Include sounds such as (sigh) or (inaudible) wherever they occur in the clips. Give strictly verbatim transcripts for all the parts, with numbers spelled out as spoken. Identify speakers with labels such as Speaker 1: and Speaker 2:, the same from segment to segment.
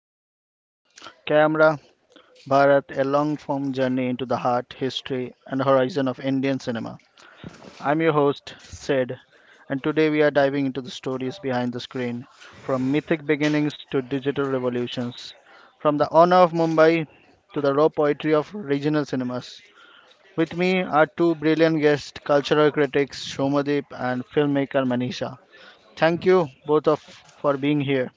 Speaker 1: lights. Camera Bharat, a long form journey into the heart, history, and horizon of Indian cinema. I'm your host, Sid, and today we are diving into the stories behind the screen from mythic beginnings to digital revolutions, from the honor of Mumbai to the raw poetry of regional cinemas. With me are two brilliant guests, cultural critics Shomadeep and filmmaker Manisha. Thank you both of for being here.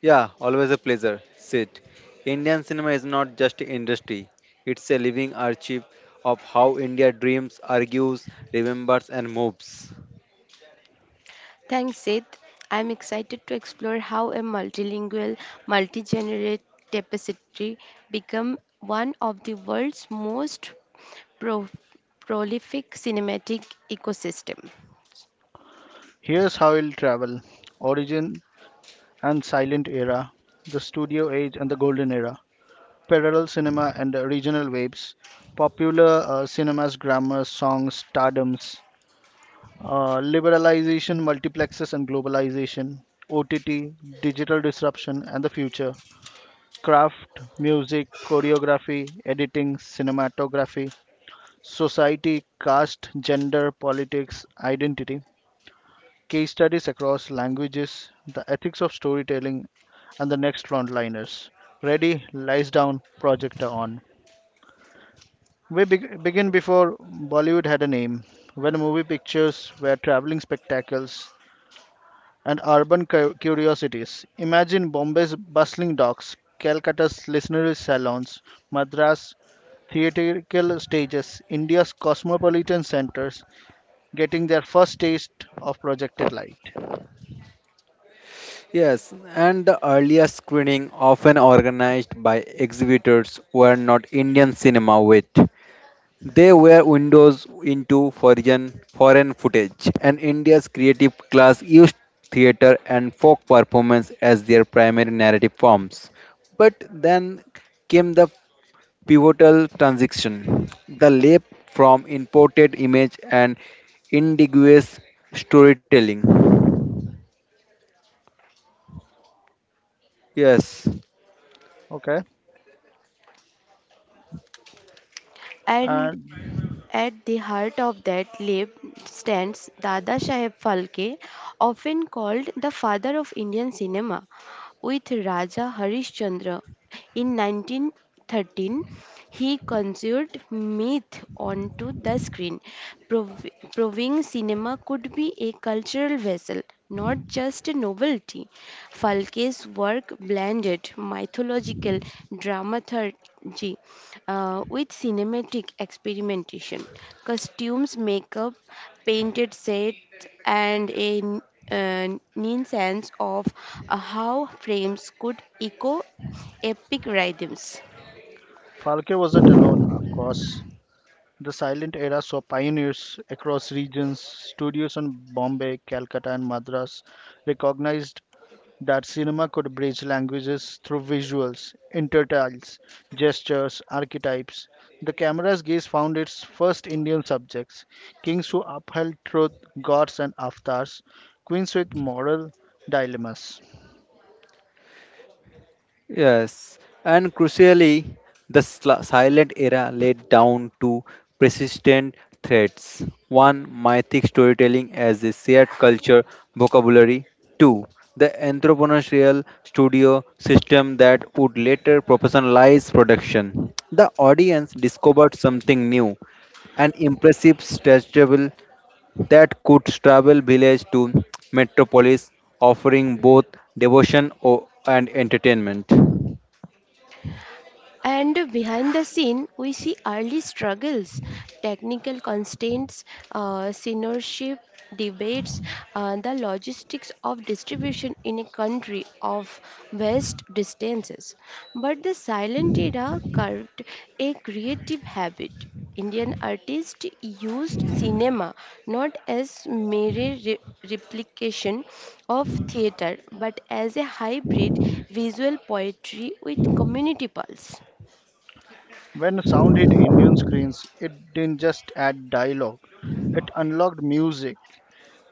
Speaker 2: Yeah, always a pleasure. Sit. Indian cinema is not just an industry. It's a living archive of how India dreams, argues, remembers and moves.
Speaker 3: Thanks, Sid. I'm excited to explore how a multilingual, multi-generational tapestry become one of the world's most pro- prolific cinematic ecosystem.
Speaker 1: Here's how we'll travel. Origin and silent era, the studio age and the golden era, parallel cinema and uh, regional waves, popular uh, cinema's grammar, songs, stardoms, uh, liberalization, multiplexes and globalization, O T T, digital disruption and the future, craft, music, choreography, editing, cinematography, society, caste, gender, politics, identity, case studies across languages, the ethics of storytelling, and the next frontliners. Ready, lights down, projector on. We beg Begin before Bollywood had a name, when movie pictures were traveling spectacles and urban cu- curiosities. Imagine Bombay's bustling docks, Calcutta's literary salons, Madras theatrical stages, India's cosmopolitan centers getting their first taste of projected light.
Speaker 2: Yes, and the earlier screening often organized by exhibitors were not Indian cinema wit. They were windows into foreign foreign footage and India's creative class used theater and folk performance as their primary narrative forms. But then came the pivotal transition. The leap from imported image and indigenous storytelling. Yes,
Speaker 1: Okay,
Speaker 3: And
Speaker 1: and
Speaker 3: at the heart of that lab stands Dada Saheb Phalke, often called the father of Indian cinema, with Raja Harishchandra. In nineteen thirteen, he conjured myth onto the screen, prov- proving cinema could be a cultural vessel, not just a novelty. Falke's work blended mythological dramaturgy uh, with cinematic experimentation, costumes, makeup, painted sets, and a uh, keen sense of uh, how frames could echo epic rhythms.
Speaker 1: Falke wasn't alone, of course. The silent era saw pioneers across regions, studios in Bombay, Calcutta, and Madras recognized that cinema could bridge languages through visuals, intertiles, gestures, archetypes. The camera's gaze found its first Indian subjects, kings who upheld truth, gods, and avatars, queens with moral dilemmas.
Speaker 2: Yes, and crucially, the sl- silent era led down to persistent threads. One, mythic storytelling as a shared culture vocabulary. Two, the entrepreneurial studio system that would later professionalize production. The audience discovered something new, an impressive stretchable that could travel village to metropolis, offering both devotion o- and entertainment.
Speaker 3: And behind the scene, we see early struggles, technical constraints, uh, seniorship debates, uh, the logistics of distribution in a country of vast distances. But the silent era carved a creative habit. Indian artists used cinema not as mere re- replication of theater but as a hybrid visual poetry with community pulse.
Speaker 1: When sound hit Indian screens, it didn't just add dialogue, it unlocked music.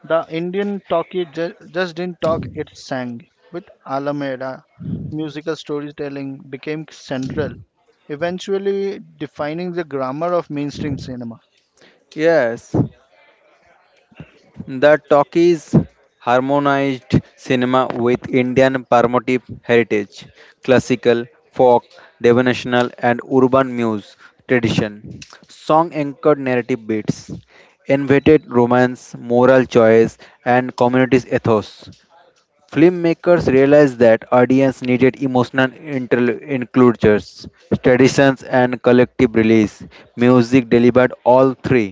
Speaker 1: The Indian talkie ju- just didn't talk, it sang. With Alameda, musical storytelling became central, eventually defining the grammar of mainstream cinema.
Speaker 2: Yes, the talkies harmonized cinema with Indian performative heritage, classical, folk, devotional, and urban muse tradition. Song anchored narrative beats, invented romance, moral choice, and community's ethos. Filmmakers realized that audience needed emotional interl- includures, traditions, and collective release. Music delivered all three.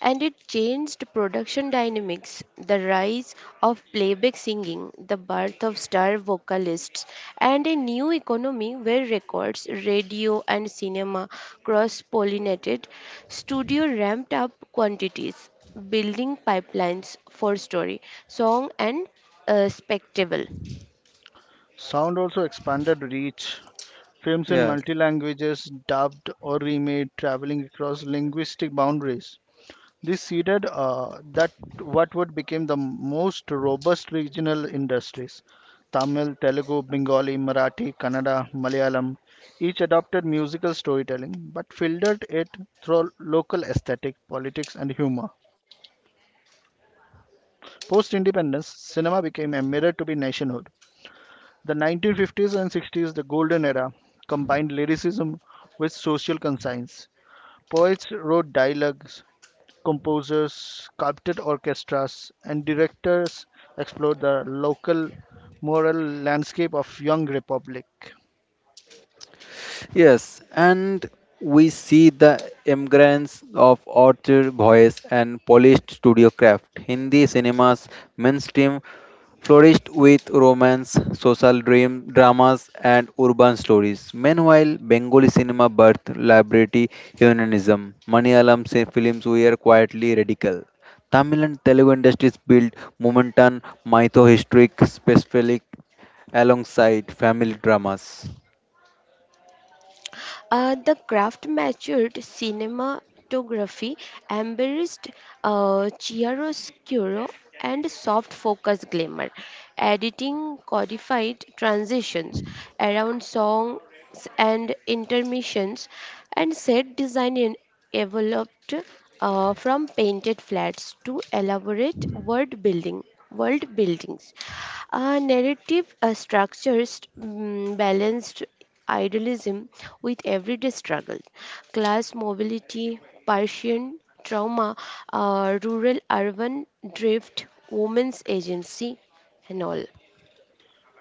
Speaker 3: And it changed production dynamics. The rise of playback singing, the birth of star vocalists, and a new economy where records, radio, and cinema cross pollinated, studio ramped up quantities, building pipelines for story, song, and uh, spectacle.
Speaker 1: Sound also expanded reach. Films in
Speaker 2: Yes.
Speaker 1: multi languages, dubbed or remade, traveling across linguistic boundaries. This seeded uh, that what would become the most robust regional industries. Tamil, Telugu, Bengali, Marathi, Kannada, Malayalam, each adopted musical storytelling but filtered it through local aesthetic, politics, and humor. Post independence, cinema became a mirror to be nationhood. The nineteen fifties and sixties, the golden era, combined lyricism with social conscience. Poets wrote dialogues, composers, sculpted orchestras, and directors explored the local moral landscape of young republic.
Speaker 2: Yes, and we see the immigrants of orchard voice and polished studio craft. Hindi cinema's mainstream flourished with romance, social dream dramas, and urban stories. Meanwhile, Bengali cinema birthed liberty unionism. Malayalam si- films were quietly radical. Tamil and Telugu industries built momentum, mytho historic, specific alongside family dramas.
Speaker 3: Uh, the craft matured cinematography, embraced uh, chiaroscuro and soft focus glamour, editing codified transitions around songs and intermissions, and set design in- evolved uh, from painted flats to elaborate word building. World buildings, uh, narrative uh, structures mm, balanced idealism with everyday struggle, class mobility, Persian trauma, uh, rural urban drift, women's agency, and all.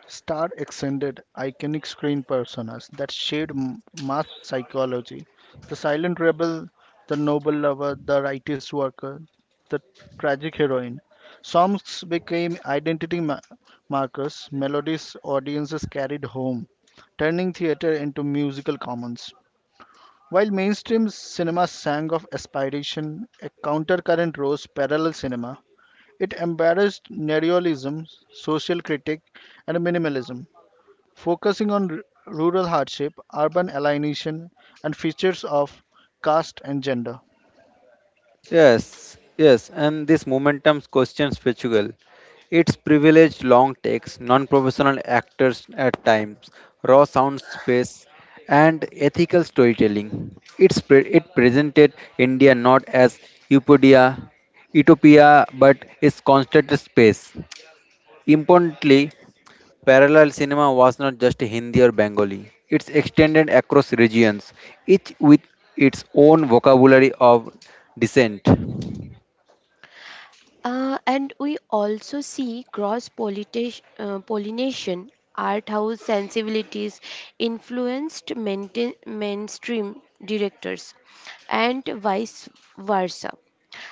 Speaker 1: Star extended iconic screen personas that shaped m- mass psychology. The silent rebel, the noble lover, the righteous worker, the tragic heroine. Songs became identity ma- markers, melodies audiences carried home, turning theater into musical commons. While mainstream cinema sang of aspiration, a countercurrent rose parallel cinema. It embraced neorealism, social critique, and minimalism, focusing on r- rural hardship, urban alienation, and features of caste and gender.
Speaker 2: Yes, yes, and this momentum's questions Portugal. Its privileged long takes, non-professional actors at times, raw sound space, and ethical storytelling. It's pre- it presented India not as utopia, utopia, but its constant space. Importantly, parallel cinema was not just Hindi or Bengali. It's extended across regions, each with its own vocabulary of dissent.
Speaker 3: Uh, and we also see cross pollination, uh, pollination art house sensibilities influenced maintain, mainstream directors and vice versa.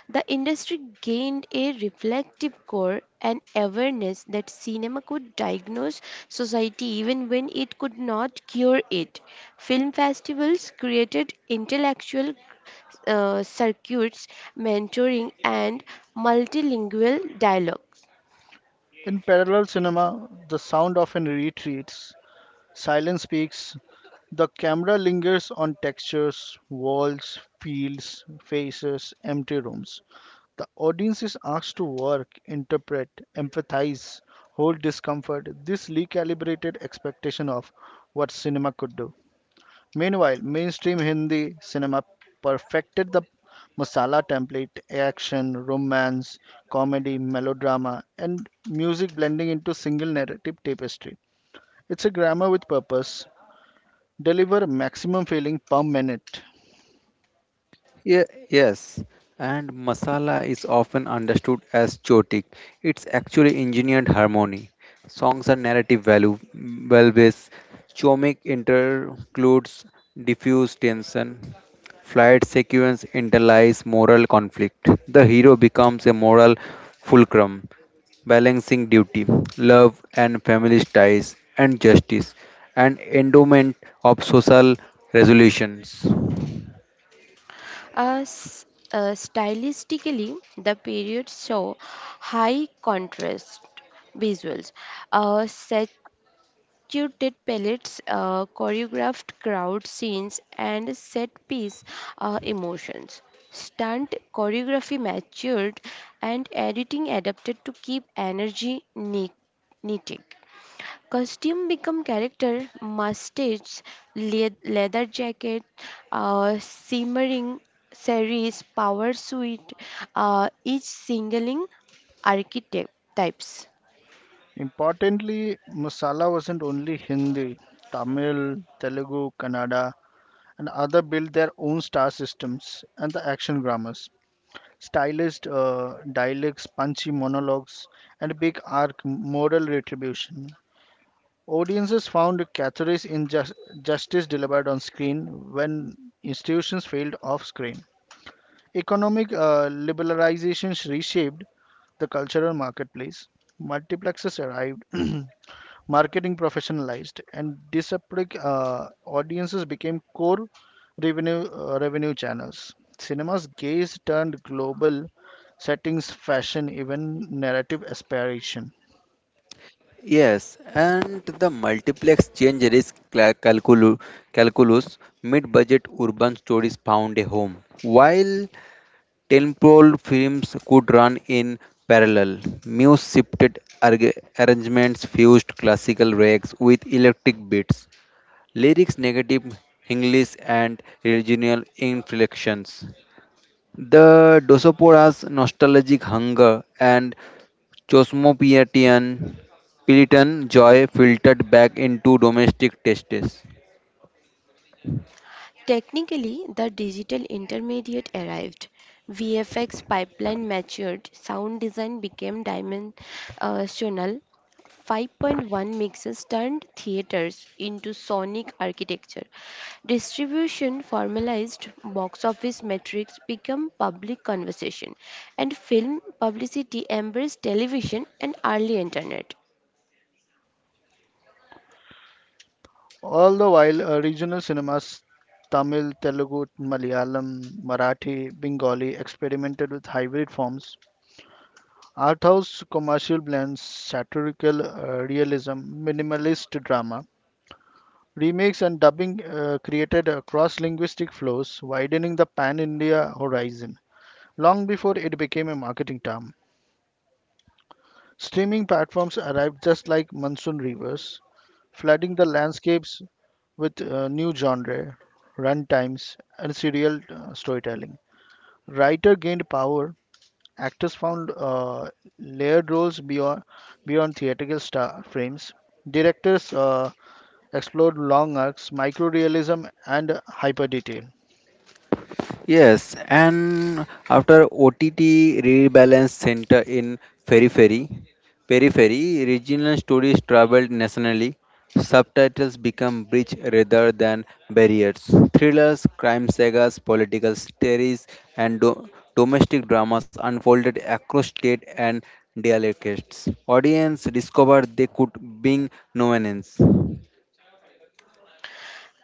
Speaker 3: The industry gained a reflex active core and awareness that cinema could diagnose society even when it could not cure it. Film festivals created intellectual uh, circuits, mentoring, and multilingual dialogues.
Speaker 1: In parallel cinema, the sound often retreats. Silence speaks. The camera lingers on textures, walls, fields, faces, empty rooms. The audience is asked to work, interpret, empathize, hold discomfort. This recalibrated expectation of what cinema could do. Meanwhile, mainstream Hindi cinema perfected the masala template, action, romance, comedy, melodrama, and music blending into single narrative tapestry. It's a grammar with purpose, deliver maximum filling per minute.
Speaker 2: Yeah, yes, and masala is often understood as chotic. It's actually engineered harmony. Songs are narrative value, valves, chomic intercludes diffuse tension. Flight sequence interlies moral conflict. The hero becomes a moral fulcrum, balancing duty, love and family ties, and justice, an endowment of social resolutions.
Speaker 3: As uh, stylistically, the period saw high contrast visuals, uh, sat- you did pellets, uh, choreographed crowd scenes, and set piece uh, emotions. Stunt choreography matured and editing adapted to keep energy ne- neating. Costume become character, mustaches, le- leather jacket, uh, simmering series, power suit, uh, each singling archetypes.
Speaker 1: Importantly, Masala wasn't only Hindi, Tamil, Telugu, Kannada, and other built their own star systems and the action grammars. Stylized uh, dialects, punchy monologues, and big arc moral retribution. Audiences found Cathary's injustice delivered on screen when institutions failed off screen. Economic uh, liberalizations reshaped the cultural marketplace. Multiplexes arrived, (clears throat) marketing professionalized, and disparate uh, audiences became core revenue uh, revenue channels. Cinema's gaze turned global settings, fashion, even narrative aspiration.
Speaker 2: Yes, and the multiplex change risk cla- calculu- calculus mid-budget urban stories found a home. While temporal films could run in parallel, Muse shifted arg- arrangements fused classical rags with electric beats, lyrics negative English and regional inflections. The Dosopora's nostalgic hunger and Chosmopietian Puritan joy filtered back into domestic tastes.
Speaker 3: Technically, the digital intermediate arrived. V F X pipeline matured, sound design became dimensional. five point one mixes turned theaters into sonic architecture. Distribution formalized, box office metrics become public conversation, and film publicity embraced television and early internet.
Speaker 1: All the while, uh, regional cinemas, Tamil, Telugu, Malayalam, Marathi, Bengali experimented with hybrid forms. Arthouse commercial blends satirical uh, realism, minimalist drama, remakes, and dubbing uh, created uh, cross-linguistic flows, widening the pan-India horizon long before it became a marketing term. Streaming platforms arrived just like monsoon rivers, flooding the landscapes with uh, new genre, runtimes, and serial uh, storytelling. Writer gained power. Actors found uh, layered roles beyond beyond theatrical star frames. Directors uh, explored long arcs, microrealism, and hyper detail.
Speaker 2: Yes, and after O T T rebalance center in periphery, periphery regional stories traveled nationally. Subtitles become bridge rather than barriers. Thrillers, crime sagas, political stories, and do- domestic dramas unfolded across state and dialects. Audience discovered they could bring nuance.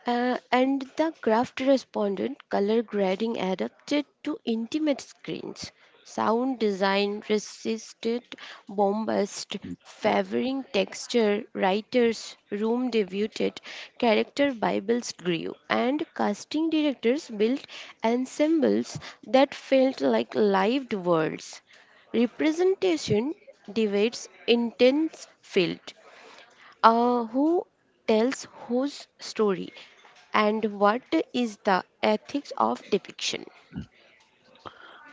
Speaker 3: Uh, and the craft responded, color grading adapted to intimate screens. Sound design resisted bombast, favoring texture. Writers' room debuted, character bibles grew, and casting directors built ensembles that felt like lived worlds. Representation divides intense field, uh, who tells whose story and what is the ethics of depiction?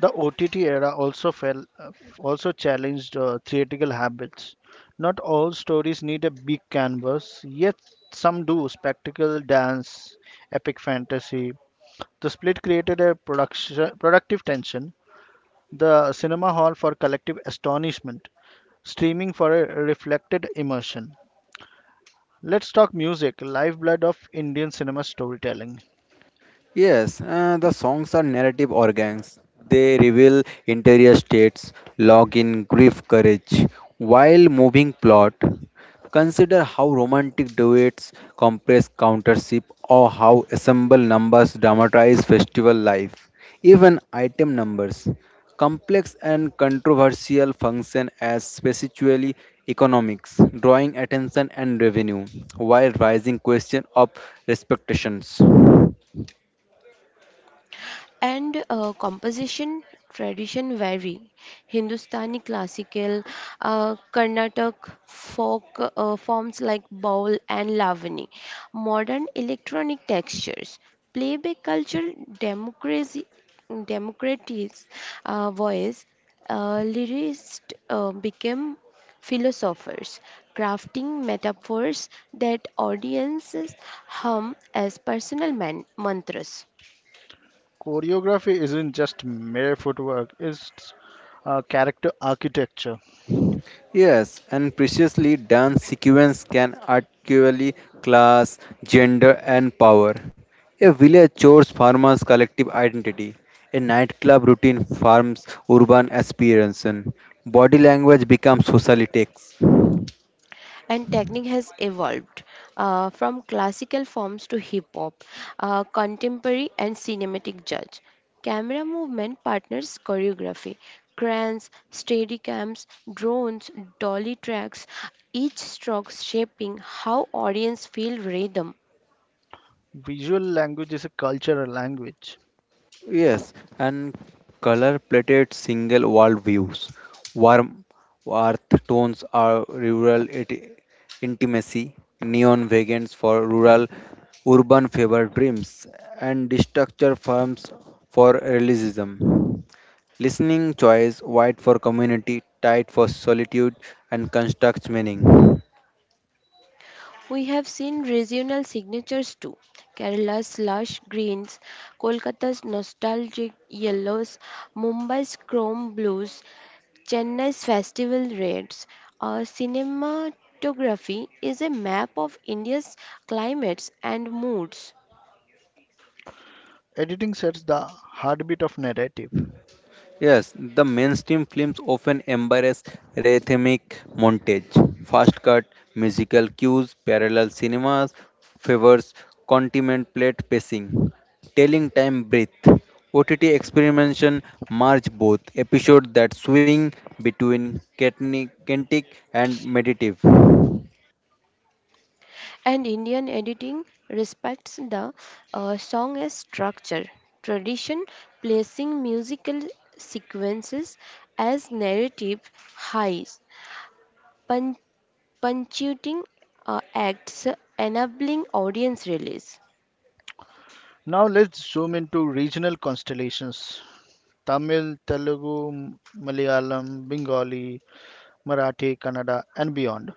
Speaker 1: The O T T era also fell, uh, also challenged uh, theatrical habits. Not all stories need a big canvas, yet some do. Spectacle, dance, epic fantasy. The split created a production, productive tension. The cinema hall for collective astonishment, streaming for a reflected immersion. Let's talk music, lifeblood of Indian cinema storytelling.
Speaker 2: Yes, uh, the songs are narrative organs. They reveal interior states, login, grief, courage, while moving plot. Consider how romantic duets compress countership or how ensemble numbers dramatize festival life. Even item numbers, complex and controversial, function as specially economics, drawing attention and revenue, while raising question of respectations.
Speaker 3: And uh, composition tradition vary. Hindustani classical, uh, Carnatic folk uh, forms like baul and lavani, modern electronic textures, playback culture, democracy, democracy's uh, voice, uh, lyricists uh, became philosophers, crafting metaphors that audiences hum as personal man- mantras.
Speaker 1: Choreography isn't just mere footwork, it's uh, character architecture.
Speaker 2: Yes, and preciously dance sequence can actually class, gender, and power. A village chore's farmers' collective identity. A nightclub routine forms urban aspiration. Body language becomes social text.
Speaker 3: And technique has evolved uh, from classical forms to hip hop, uh, contemporary and cinematic judge. Camera movement partners choreography, crans, steadicams, drones, dolly tracks, each stroke shaping how audience feel rhythm.
Speaker 1: Visual language is a cultural language.
Speaker 2: Yes, and color plated single wall views, warm earth tones are rural it- intimacy, neon vegans for rural urban fever dreams, and structure firms for realism. Listening choice wide for community, tight for solitude, and constructs meaning.
Speaker 3: We have seen regional signatures too: Kerala's lush greens, Kolkata's nostalgic yellows, Mumbai's chrome blues, Chennai's festival reds. Our cinematography is a map of India's climates and moods,
Speaker 1: Editing sets the heartbeat of narrative.
Speaker 2: Yes, the mainstream films often embrace rhythmic montage, fast cut, musical cues, parallel cinemas, favors contemplate pacing, telling time breath. O T T experimentation merge both episodes that swing between catni- kinetic and meditative.
Speaker 3: and Indian editing respects the uh, song as structure. Tradition placing musical sequences as narrative highs, punctuating uh, acts, enabling audience release.
Speaker 1: Now let's zoom into regional constellations, Tamil, Telugu, Malayalam, Bengali, Marathi, Kannada, and beyond.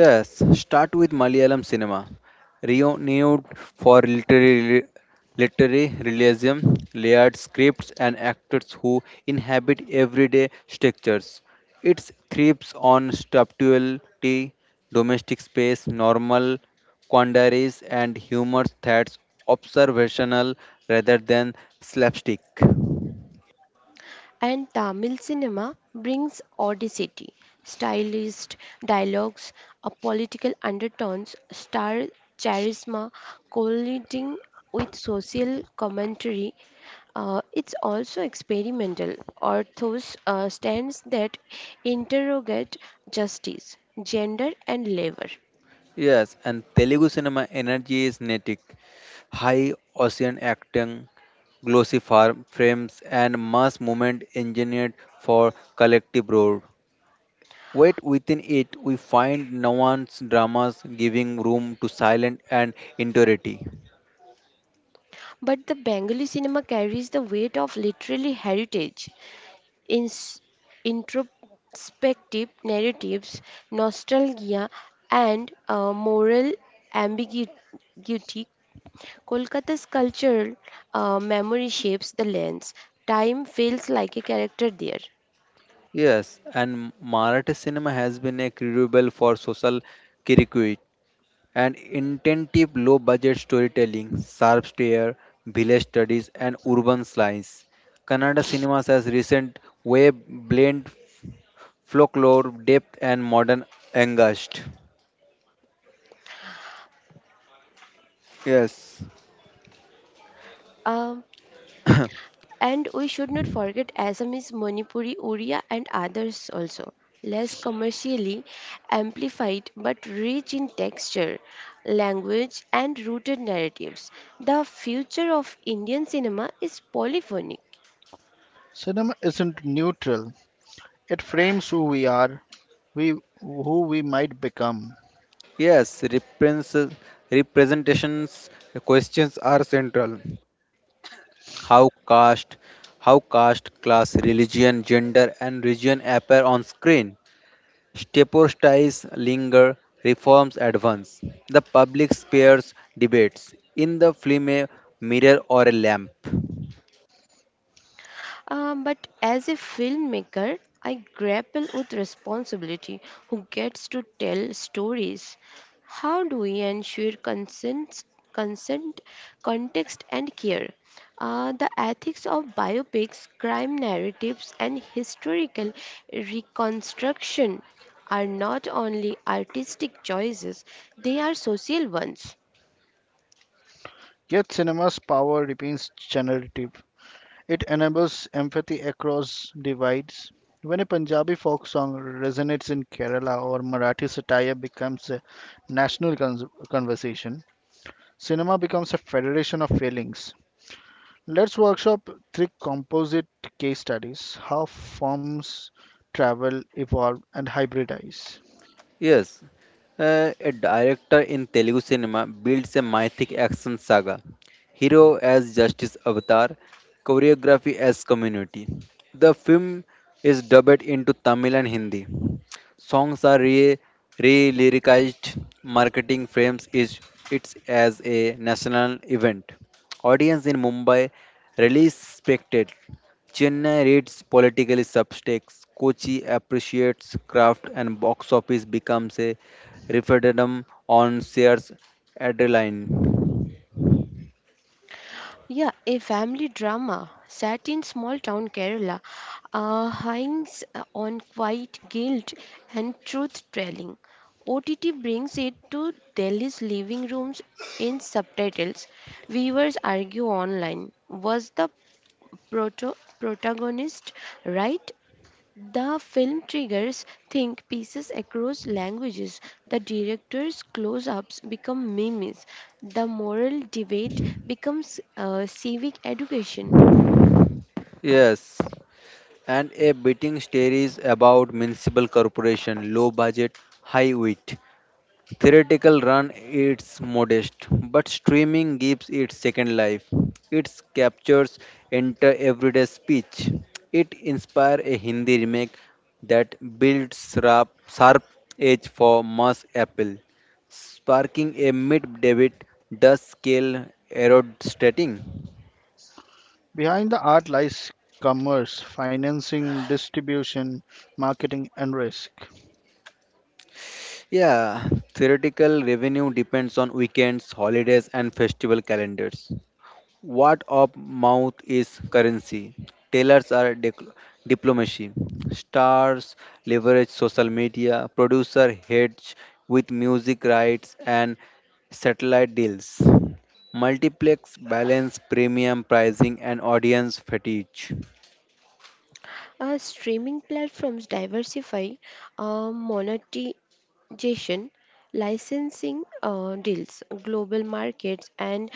Speaker 2: Yes, start with Malayalam cinema, renowned for literary, literary realism, layered scripts, and actors who inhabit everyday structures. It thrives on subtlety, domestic space, normal quandaries, and humor that's observational rather than slapstick.
Speaker 3: And Tamil cinema brings audacity, stylized dialogues, uh, political undertones, star charisma colliding with social commentary. Uh, it's also experimental. Orthos uh, stands that interrogate justice, gender, and labor.
Speaker 2: Yes, and Telugu cinema energy is kinetic. High ocean acting, glossy farm frames, and mass movement engineered for collective roar. Yet within it, we find nuanced dramas giving room to silence and interiority.
Speaker 3: But the Bengali cinema carries the weight of literary heritage: ins- introspective narratives, nostalgia, and uh, moral ambiguity. Kolkata's cultural uh, memory shapes the lens. Time feels like a character there.
Speaker 2: Yes, and Marathi cinema has been a crucible for social critique, and intensive low budget storytelling, sharp stare, village studies, and urban slice. Kannada cinemas has recent way blend folklore, depth, and modern angst. Yes,
Speaker 3: Um, And we should not forget Assamese, Manipuri, Oriya, and others also. Less commercially amplified but rich in texture, language, and rooted narratives. The future of Indian cinema is polyphonic.
Speaker 1: Cinema isn't neutral, it frames who we are, we who we might become.
Speaker 2: yes, represents- representations questions are central. How caste, how caste, class, religion, gender, and region appear on screen. Stepostides linger, reforms advance. The public spares debates. In the film, a mirror or a lamp.
Speaker 3: Um, but as a filmmaker, I grapple with responsibility. Who gets to tell stories? How do we ensure consent, consent, context, and care? Uh, the ethics of biopics, crime narratives, and historical reconstruction are not only artistic choices, they are social ones.
Speaker 1: Yet cinema's power remains generative. It enables empathy across divides. When a Punjabi folk song resonates in Kerala or Marathi satire becomes a national cons- conversation, cinema becomes a federation of feelings. Let's workshop three composite case studies how forms travel, evolve, and hybridize.
Speaker 2: Yes, uh, a director in Telugu cinema builds a mythic action saga. Hero as Justice Avatar, choreography as community. The film is dubbed into Tamil and Hindi. Songs are re, re-lyricized. Marketing frames is it's as a national event. Audience in Mumbai really respected. Chennai reads political subtext. Kochi appreciates craft, and box office becomes a referendum on shares adrenaline.
Speaker 3: Yeah, a family drama set in small town Kerala uh, hangs uh, on quiet guilt and truth telling. O T T brings it to Delhi's living rooms in subtitles. Viewers argue online. Was the proto- protagonist right? The film triggers think pieces across languages. The director's close ups become memes. The moral debate becomes uh, civic education.
Speaker 2: Yes, and a beating stories about municipal corporation, low budget, high wit. Theoretical run it's modest, but streaming gives it second life. It captures enter everyday speech. It inspired a Hindi remake that builds sharp, sharp edge for mass appeal, sparking a mid debate does scale erode stating.
Speaker 1: Behind the art lies commerce, financing, distribution, marketing, and risk.
Speaker 2: Yeah, theoretical revenue depends on weekends, holidays, and festival calendars. What of mouth is currency? Tailors are dec- diplomacy. Stars leverage social media. Producer hedge with music rights and satellite deals. Multiplex balance premium pricing and audience fatigue.
Speaker 3: As streaming platforms diversify, uh, monetization, licensing uh, deals, global markets, and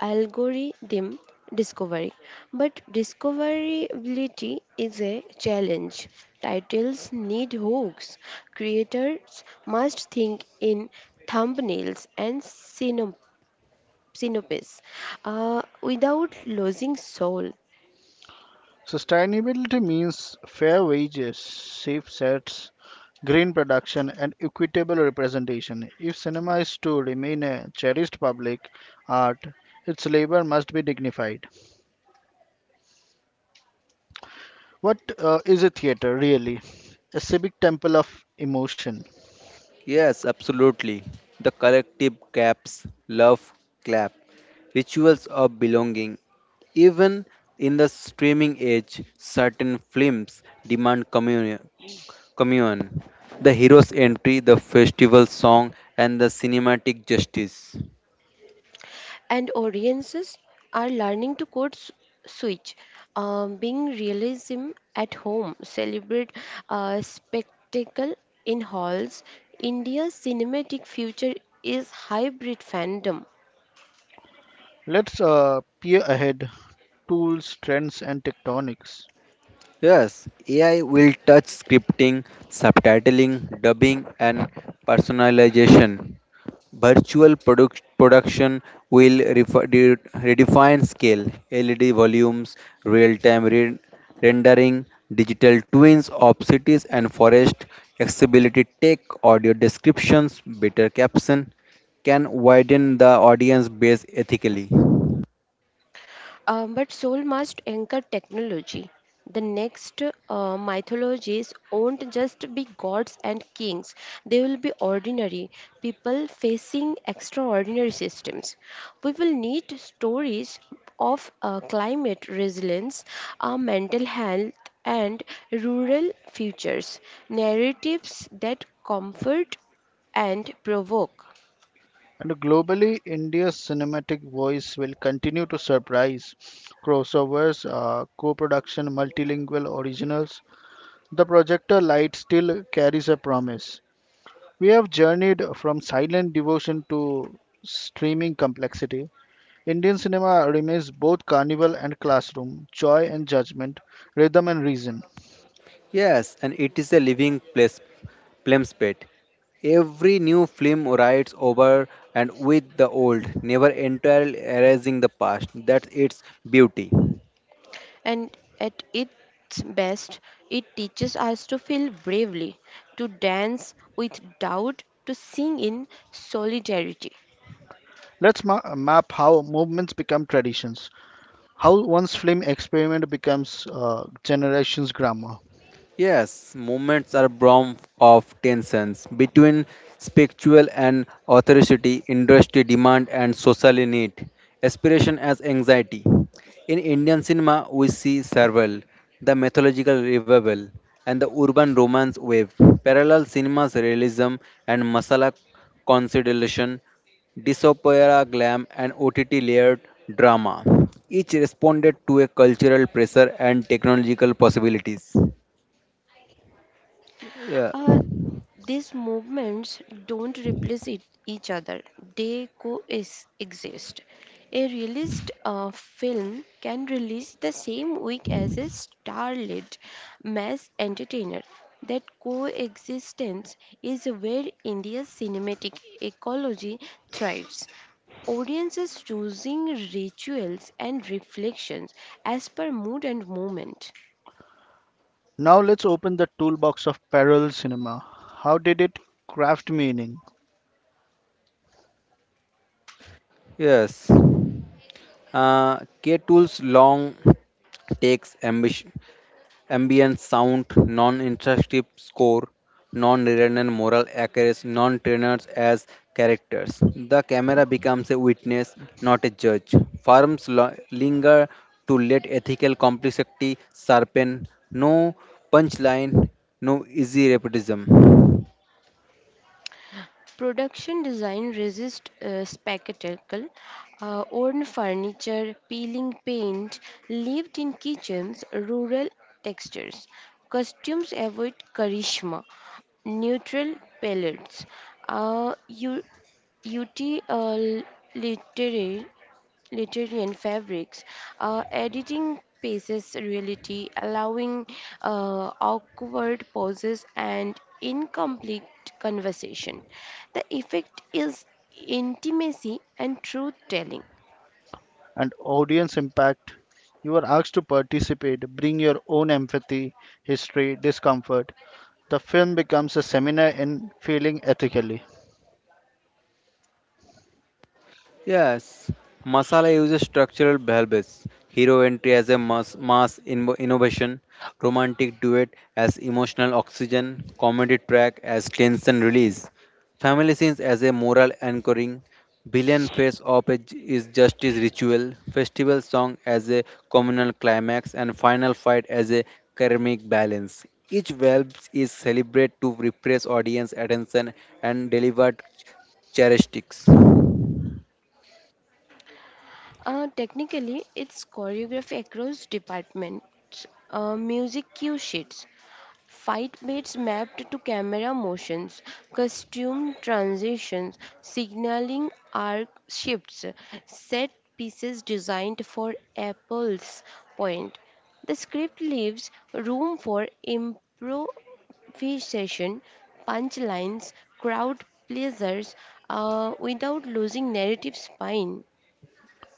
Speaker 3: algorithm discovery. But discoverability is a challenge. Titles need hooks. Creators must think in thumbnails and synop- synopsis uh, without losing soul.
Speaker 1: Sustainability means fair wages, safe sets, green production, and equitable representation. If cinema is to remain a cherished public art, its labor must be dignified. What uh, is a theater really? A civic temple of emotion.
Speaker 2: Yes, absolutely. The collective claps, love clap, rituals of belonging. Even in the streaming age, certain films demand communion. communion. The hero's entry, the festival song, and the cinematic justice.
Speaker 3: And audiences are learning to code s- switch, uh, being realism at home, celebrate uh, spectacle in halls. India's cinematic future is hybrid fandom.
Speaker 1: Let's uh, peer ahead, tools, trends, and tectonics.
Speaker 2: Yes, A I will touch scripting, subtitling, dubbing, and personalization. Virtual product production will refi- de- redefine scale, L E D volumes, real time re- rendering, digital twins of cities and forest, accessibility tech, audio descriptions, better caption can widen the audience base ethically.
Speaker 3: Um, but soul must anchor technology. The next uh, mythologies won't just be gods and kings, they will be ordinary people facing extraordinary systems. We will need stories of uh, climate resilience, uh, mental health, and rural futures, narratives that comfort and provoke.
Speaker 1: And globally, India's cinematic voice will continue to surprise. Crossovers, uh, co production, multilingual originals. The projector light still carries a promise. We have journeyed from silent devotion to streaming complexity. Indian cinema remains both carnival and classroom, joy and judgment, rhythm and reason.
Speaker 2: Yes, and it is a living place, pet. Every new film rides over and with the old, never entirely erasing the past. That's its beauty.
Speaker 3: And at its best, it teaches us to feel bravely, to dance with doubt, to sing in solidarity.
Speaker 1: Let's ma- map how movements become traditions, how one's film experiment becomes uh, generation's grammar.
Speaker 2: Yes, movements are born of tensions between spiritual and authority, industry demand, and social need, aspiration as anxiety. In Indian cinema, we see Sarval, the mythological revival, and the urban romance wave. Parallel cinema's realism and masala consideration, disopera glam, and O T T layered drama. Each responded to a cultural pressure and technological possibilities. Yeah.
Speaker 3: Uh, these movements don't replace it, each other, they coexist. A released uh, film can release the same week as a star-lit mass entertainer. That coexistence is where India's cinematic ecology thrives. Audiences choosing rituals and reflections as per mood and moment.
Speaker 1: Now let's open the toolbox of parallel cinema. How did it craft meaning
Speaker 2: Yes. Uh, K-Tool's long takes ambition, ambient sound, non-interruptive score, non-redundant moral accuracy, non-trainers as characters. The camera becomes a witness, not a judge. Farms lo- linger to let ethical complexity sharpen. No punchline, no easy repetition.
Speaker 3: Production design resists uh, spectacle. Uh, worn furniture, peeling paint, lived in kitchens, rural textures. Costumes avoid charisma, neutral palettes. Uh, you, utilitarian literary and fabrics, uh, editing paces reality, allowing uh, awkward pauses and incomplete conversation. The effect is intimacy and truth telling.
Speaker 1: and audience impact? You are asked to participate, bring your own empathy, history, discomfort. The film becomes a seminar in feeling ethically.
Speaker 2: Yes, Masala uses structural bells, hero entry as a mass, mass in- innovation, romantic duet as emotional oxygen, comedy track as tension release, family scenes as a moral anchoring, billion face op is is justice ritual, festival song as a communal climax, and final fight as a karmic balance. Each valve is celebrated to repress audience attention and deliver ch- characteristics.
Speaker 3: Uh, technically, it's choreography across departments, uh, music cue sheets, fight baits mapped to camera motions, costume transitions, signaling arc shifts, set pieces designed for Apple's point. The script leaves room for improvisation, punchlines, crowd pleasers, uh, without losing narrative spine.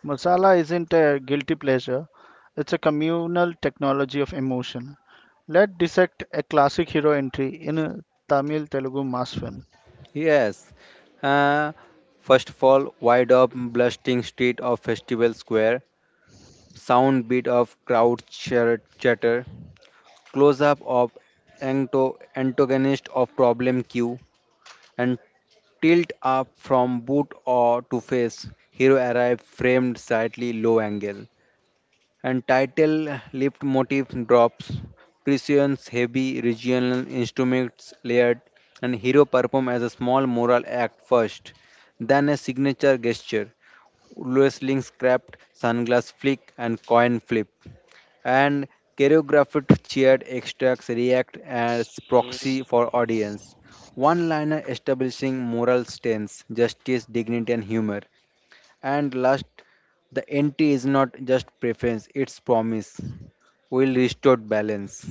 Speaker 1: Masala isn't a guilty pleasure, it's a communal technology of emotion. Let's dissect a classic hero entry in a Tamil Telugu mass film.
Speaker 2: Yes. Uh, first of all, wide up blasting street of Festival Square, sound beat of crowd chir- chatter, close up of anto- antagonist of problem queue, and tilt up from boot or to face. Hero arrive framed slightly low angle and title lift motif drops, Precion's heavy regional instruments layered, and hero perform as a small moral act first, then a signature gesture, wrestling scrapped, sunglass flick, and coin flip. And choreographed cheered extracts react as proxy for audience. One liner establishing moral stance, justice, dignity, and humor. And last, the N T is not just preference, it's promise. Will restore balance.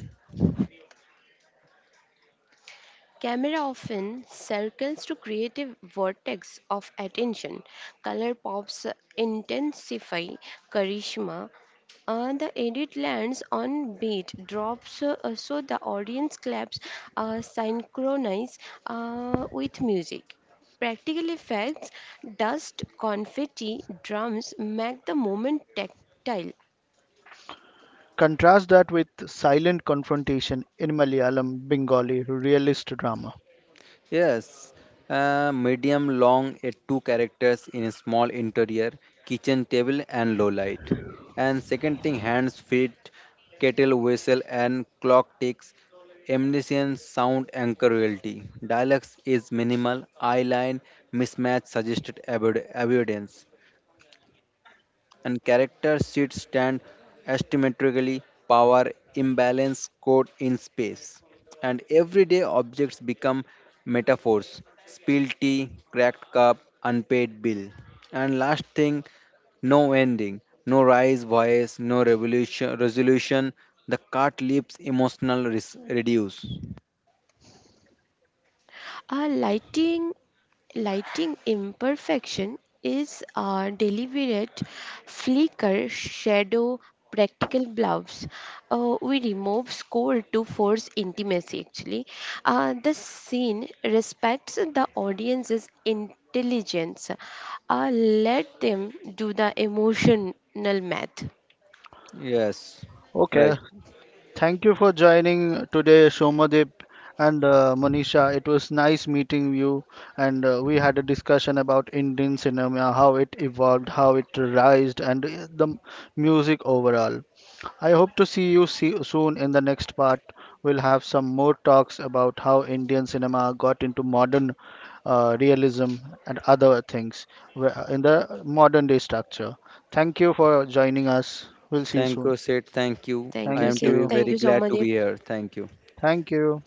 Speaker 3: Camera often circles to create a vortex of attention. Color pops intensify charisma. Uh, the edit lands on beat, drops uh, so the audience claps uh, synchronize uh, with music. Practical effects, dust, confetti, drums make the moment tactile.
Speaker 1: Contrast that with silent confrontation in Malayalam Bengali realist drama.
Speaker 2: Yes, uh, medium long uh, two characters in a small interior, kitchen table and low light. And second thing, hands, feet, kettle whistle and clock ticks, omniscient sound anchor royalty. Dialects is minimal, eye line, mismatch suggested avoid- avoidance. And character sheets stand asymmetrically, power imbalance code in space. And everyday objects become metaphors spilled tea, cracked cup, unpaid bill. And last thing, no ending, no rise voice, no revolution, resolution. The cart leaves emotional res- reduce.
Speaker 3: A lighting lighting imperfection is a deliberate flicker shadow practical gloves, uh, we remove score to force intimacy actually. Uh, the scene respects the audience's intelligence, uh, let them do the emotional math.
Speaker 2: Yes,
Speaker 1: Okay,
Speaker 2: right.
Speaker 1: thank you for joining today, Shomadip and uh, Monisha. It was nice meeting you, and uh, we had a discussion about Indian cinema, how it evolved, how it rised, and uh, the m- music overall. I hope to see you see soon in the next part. We'll have some more talks about how Indian cinema got into modern uh, realism and other things where- in the modern day structure. Thank you for joining us. We'll see you
Speaker 2: Thank you,
Speaker 1: soon.
Speaker 2: Sid. Thank you.
Speaker 3: Thank
Speaker 2: I
Speaker 3: you,
Speaker 2: am
Speaker 1: Thank
Speaker 2: to
Speaker 3: Seth.
Speaker 2: be
Speaker 1: you.
Speaker 3: Thank
Speaker 2: very
Speaker 3: you so
Speaker 2: glad
Speaker 3: much.
Speaker 2: to be here. Thank you.
Speaker 1: Thank you.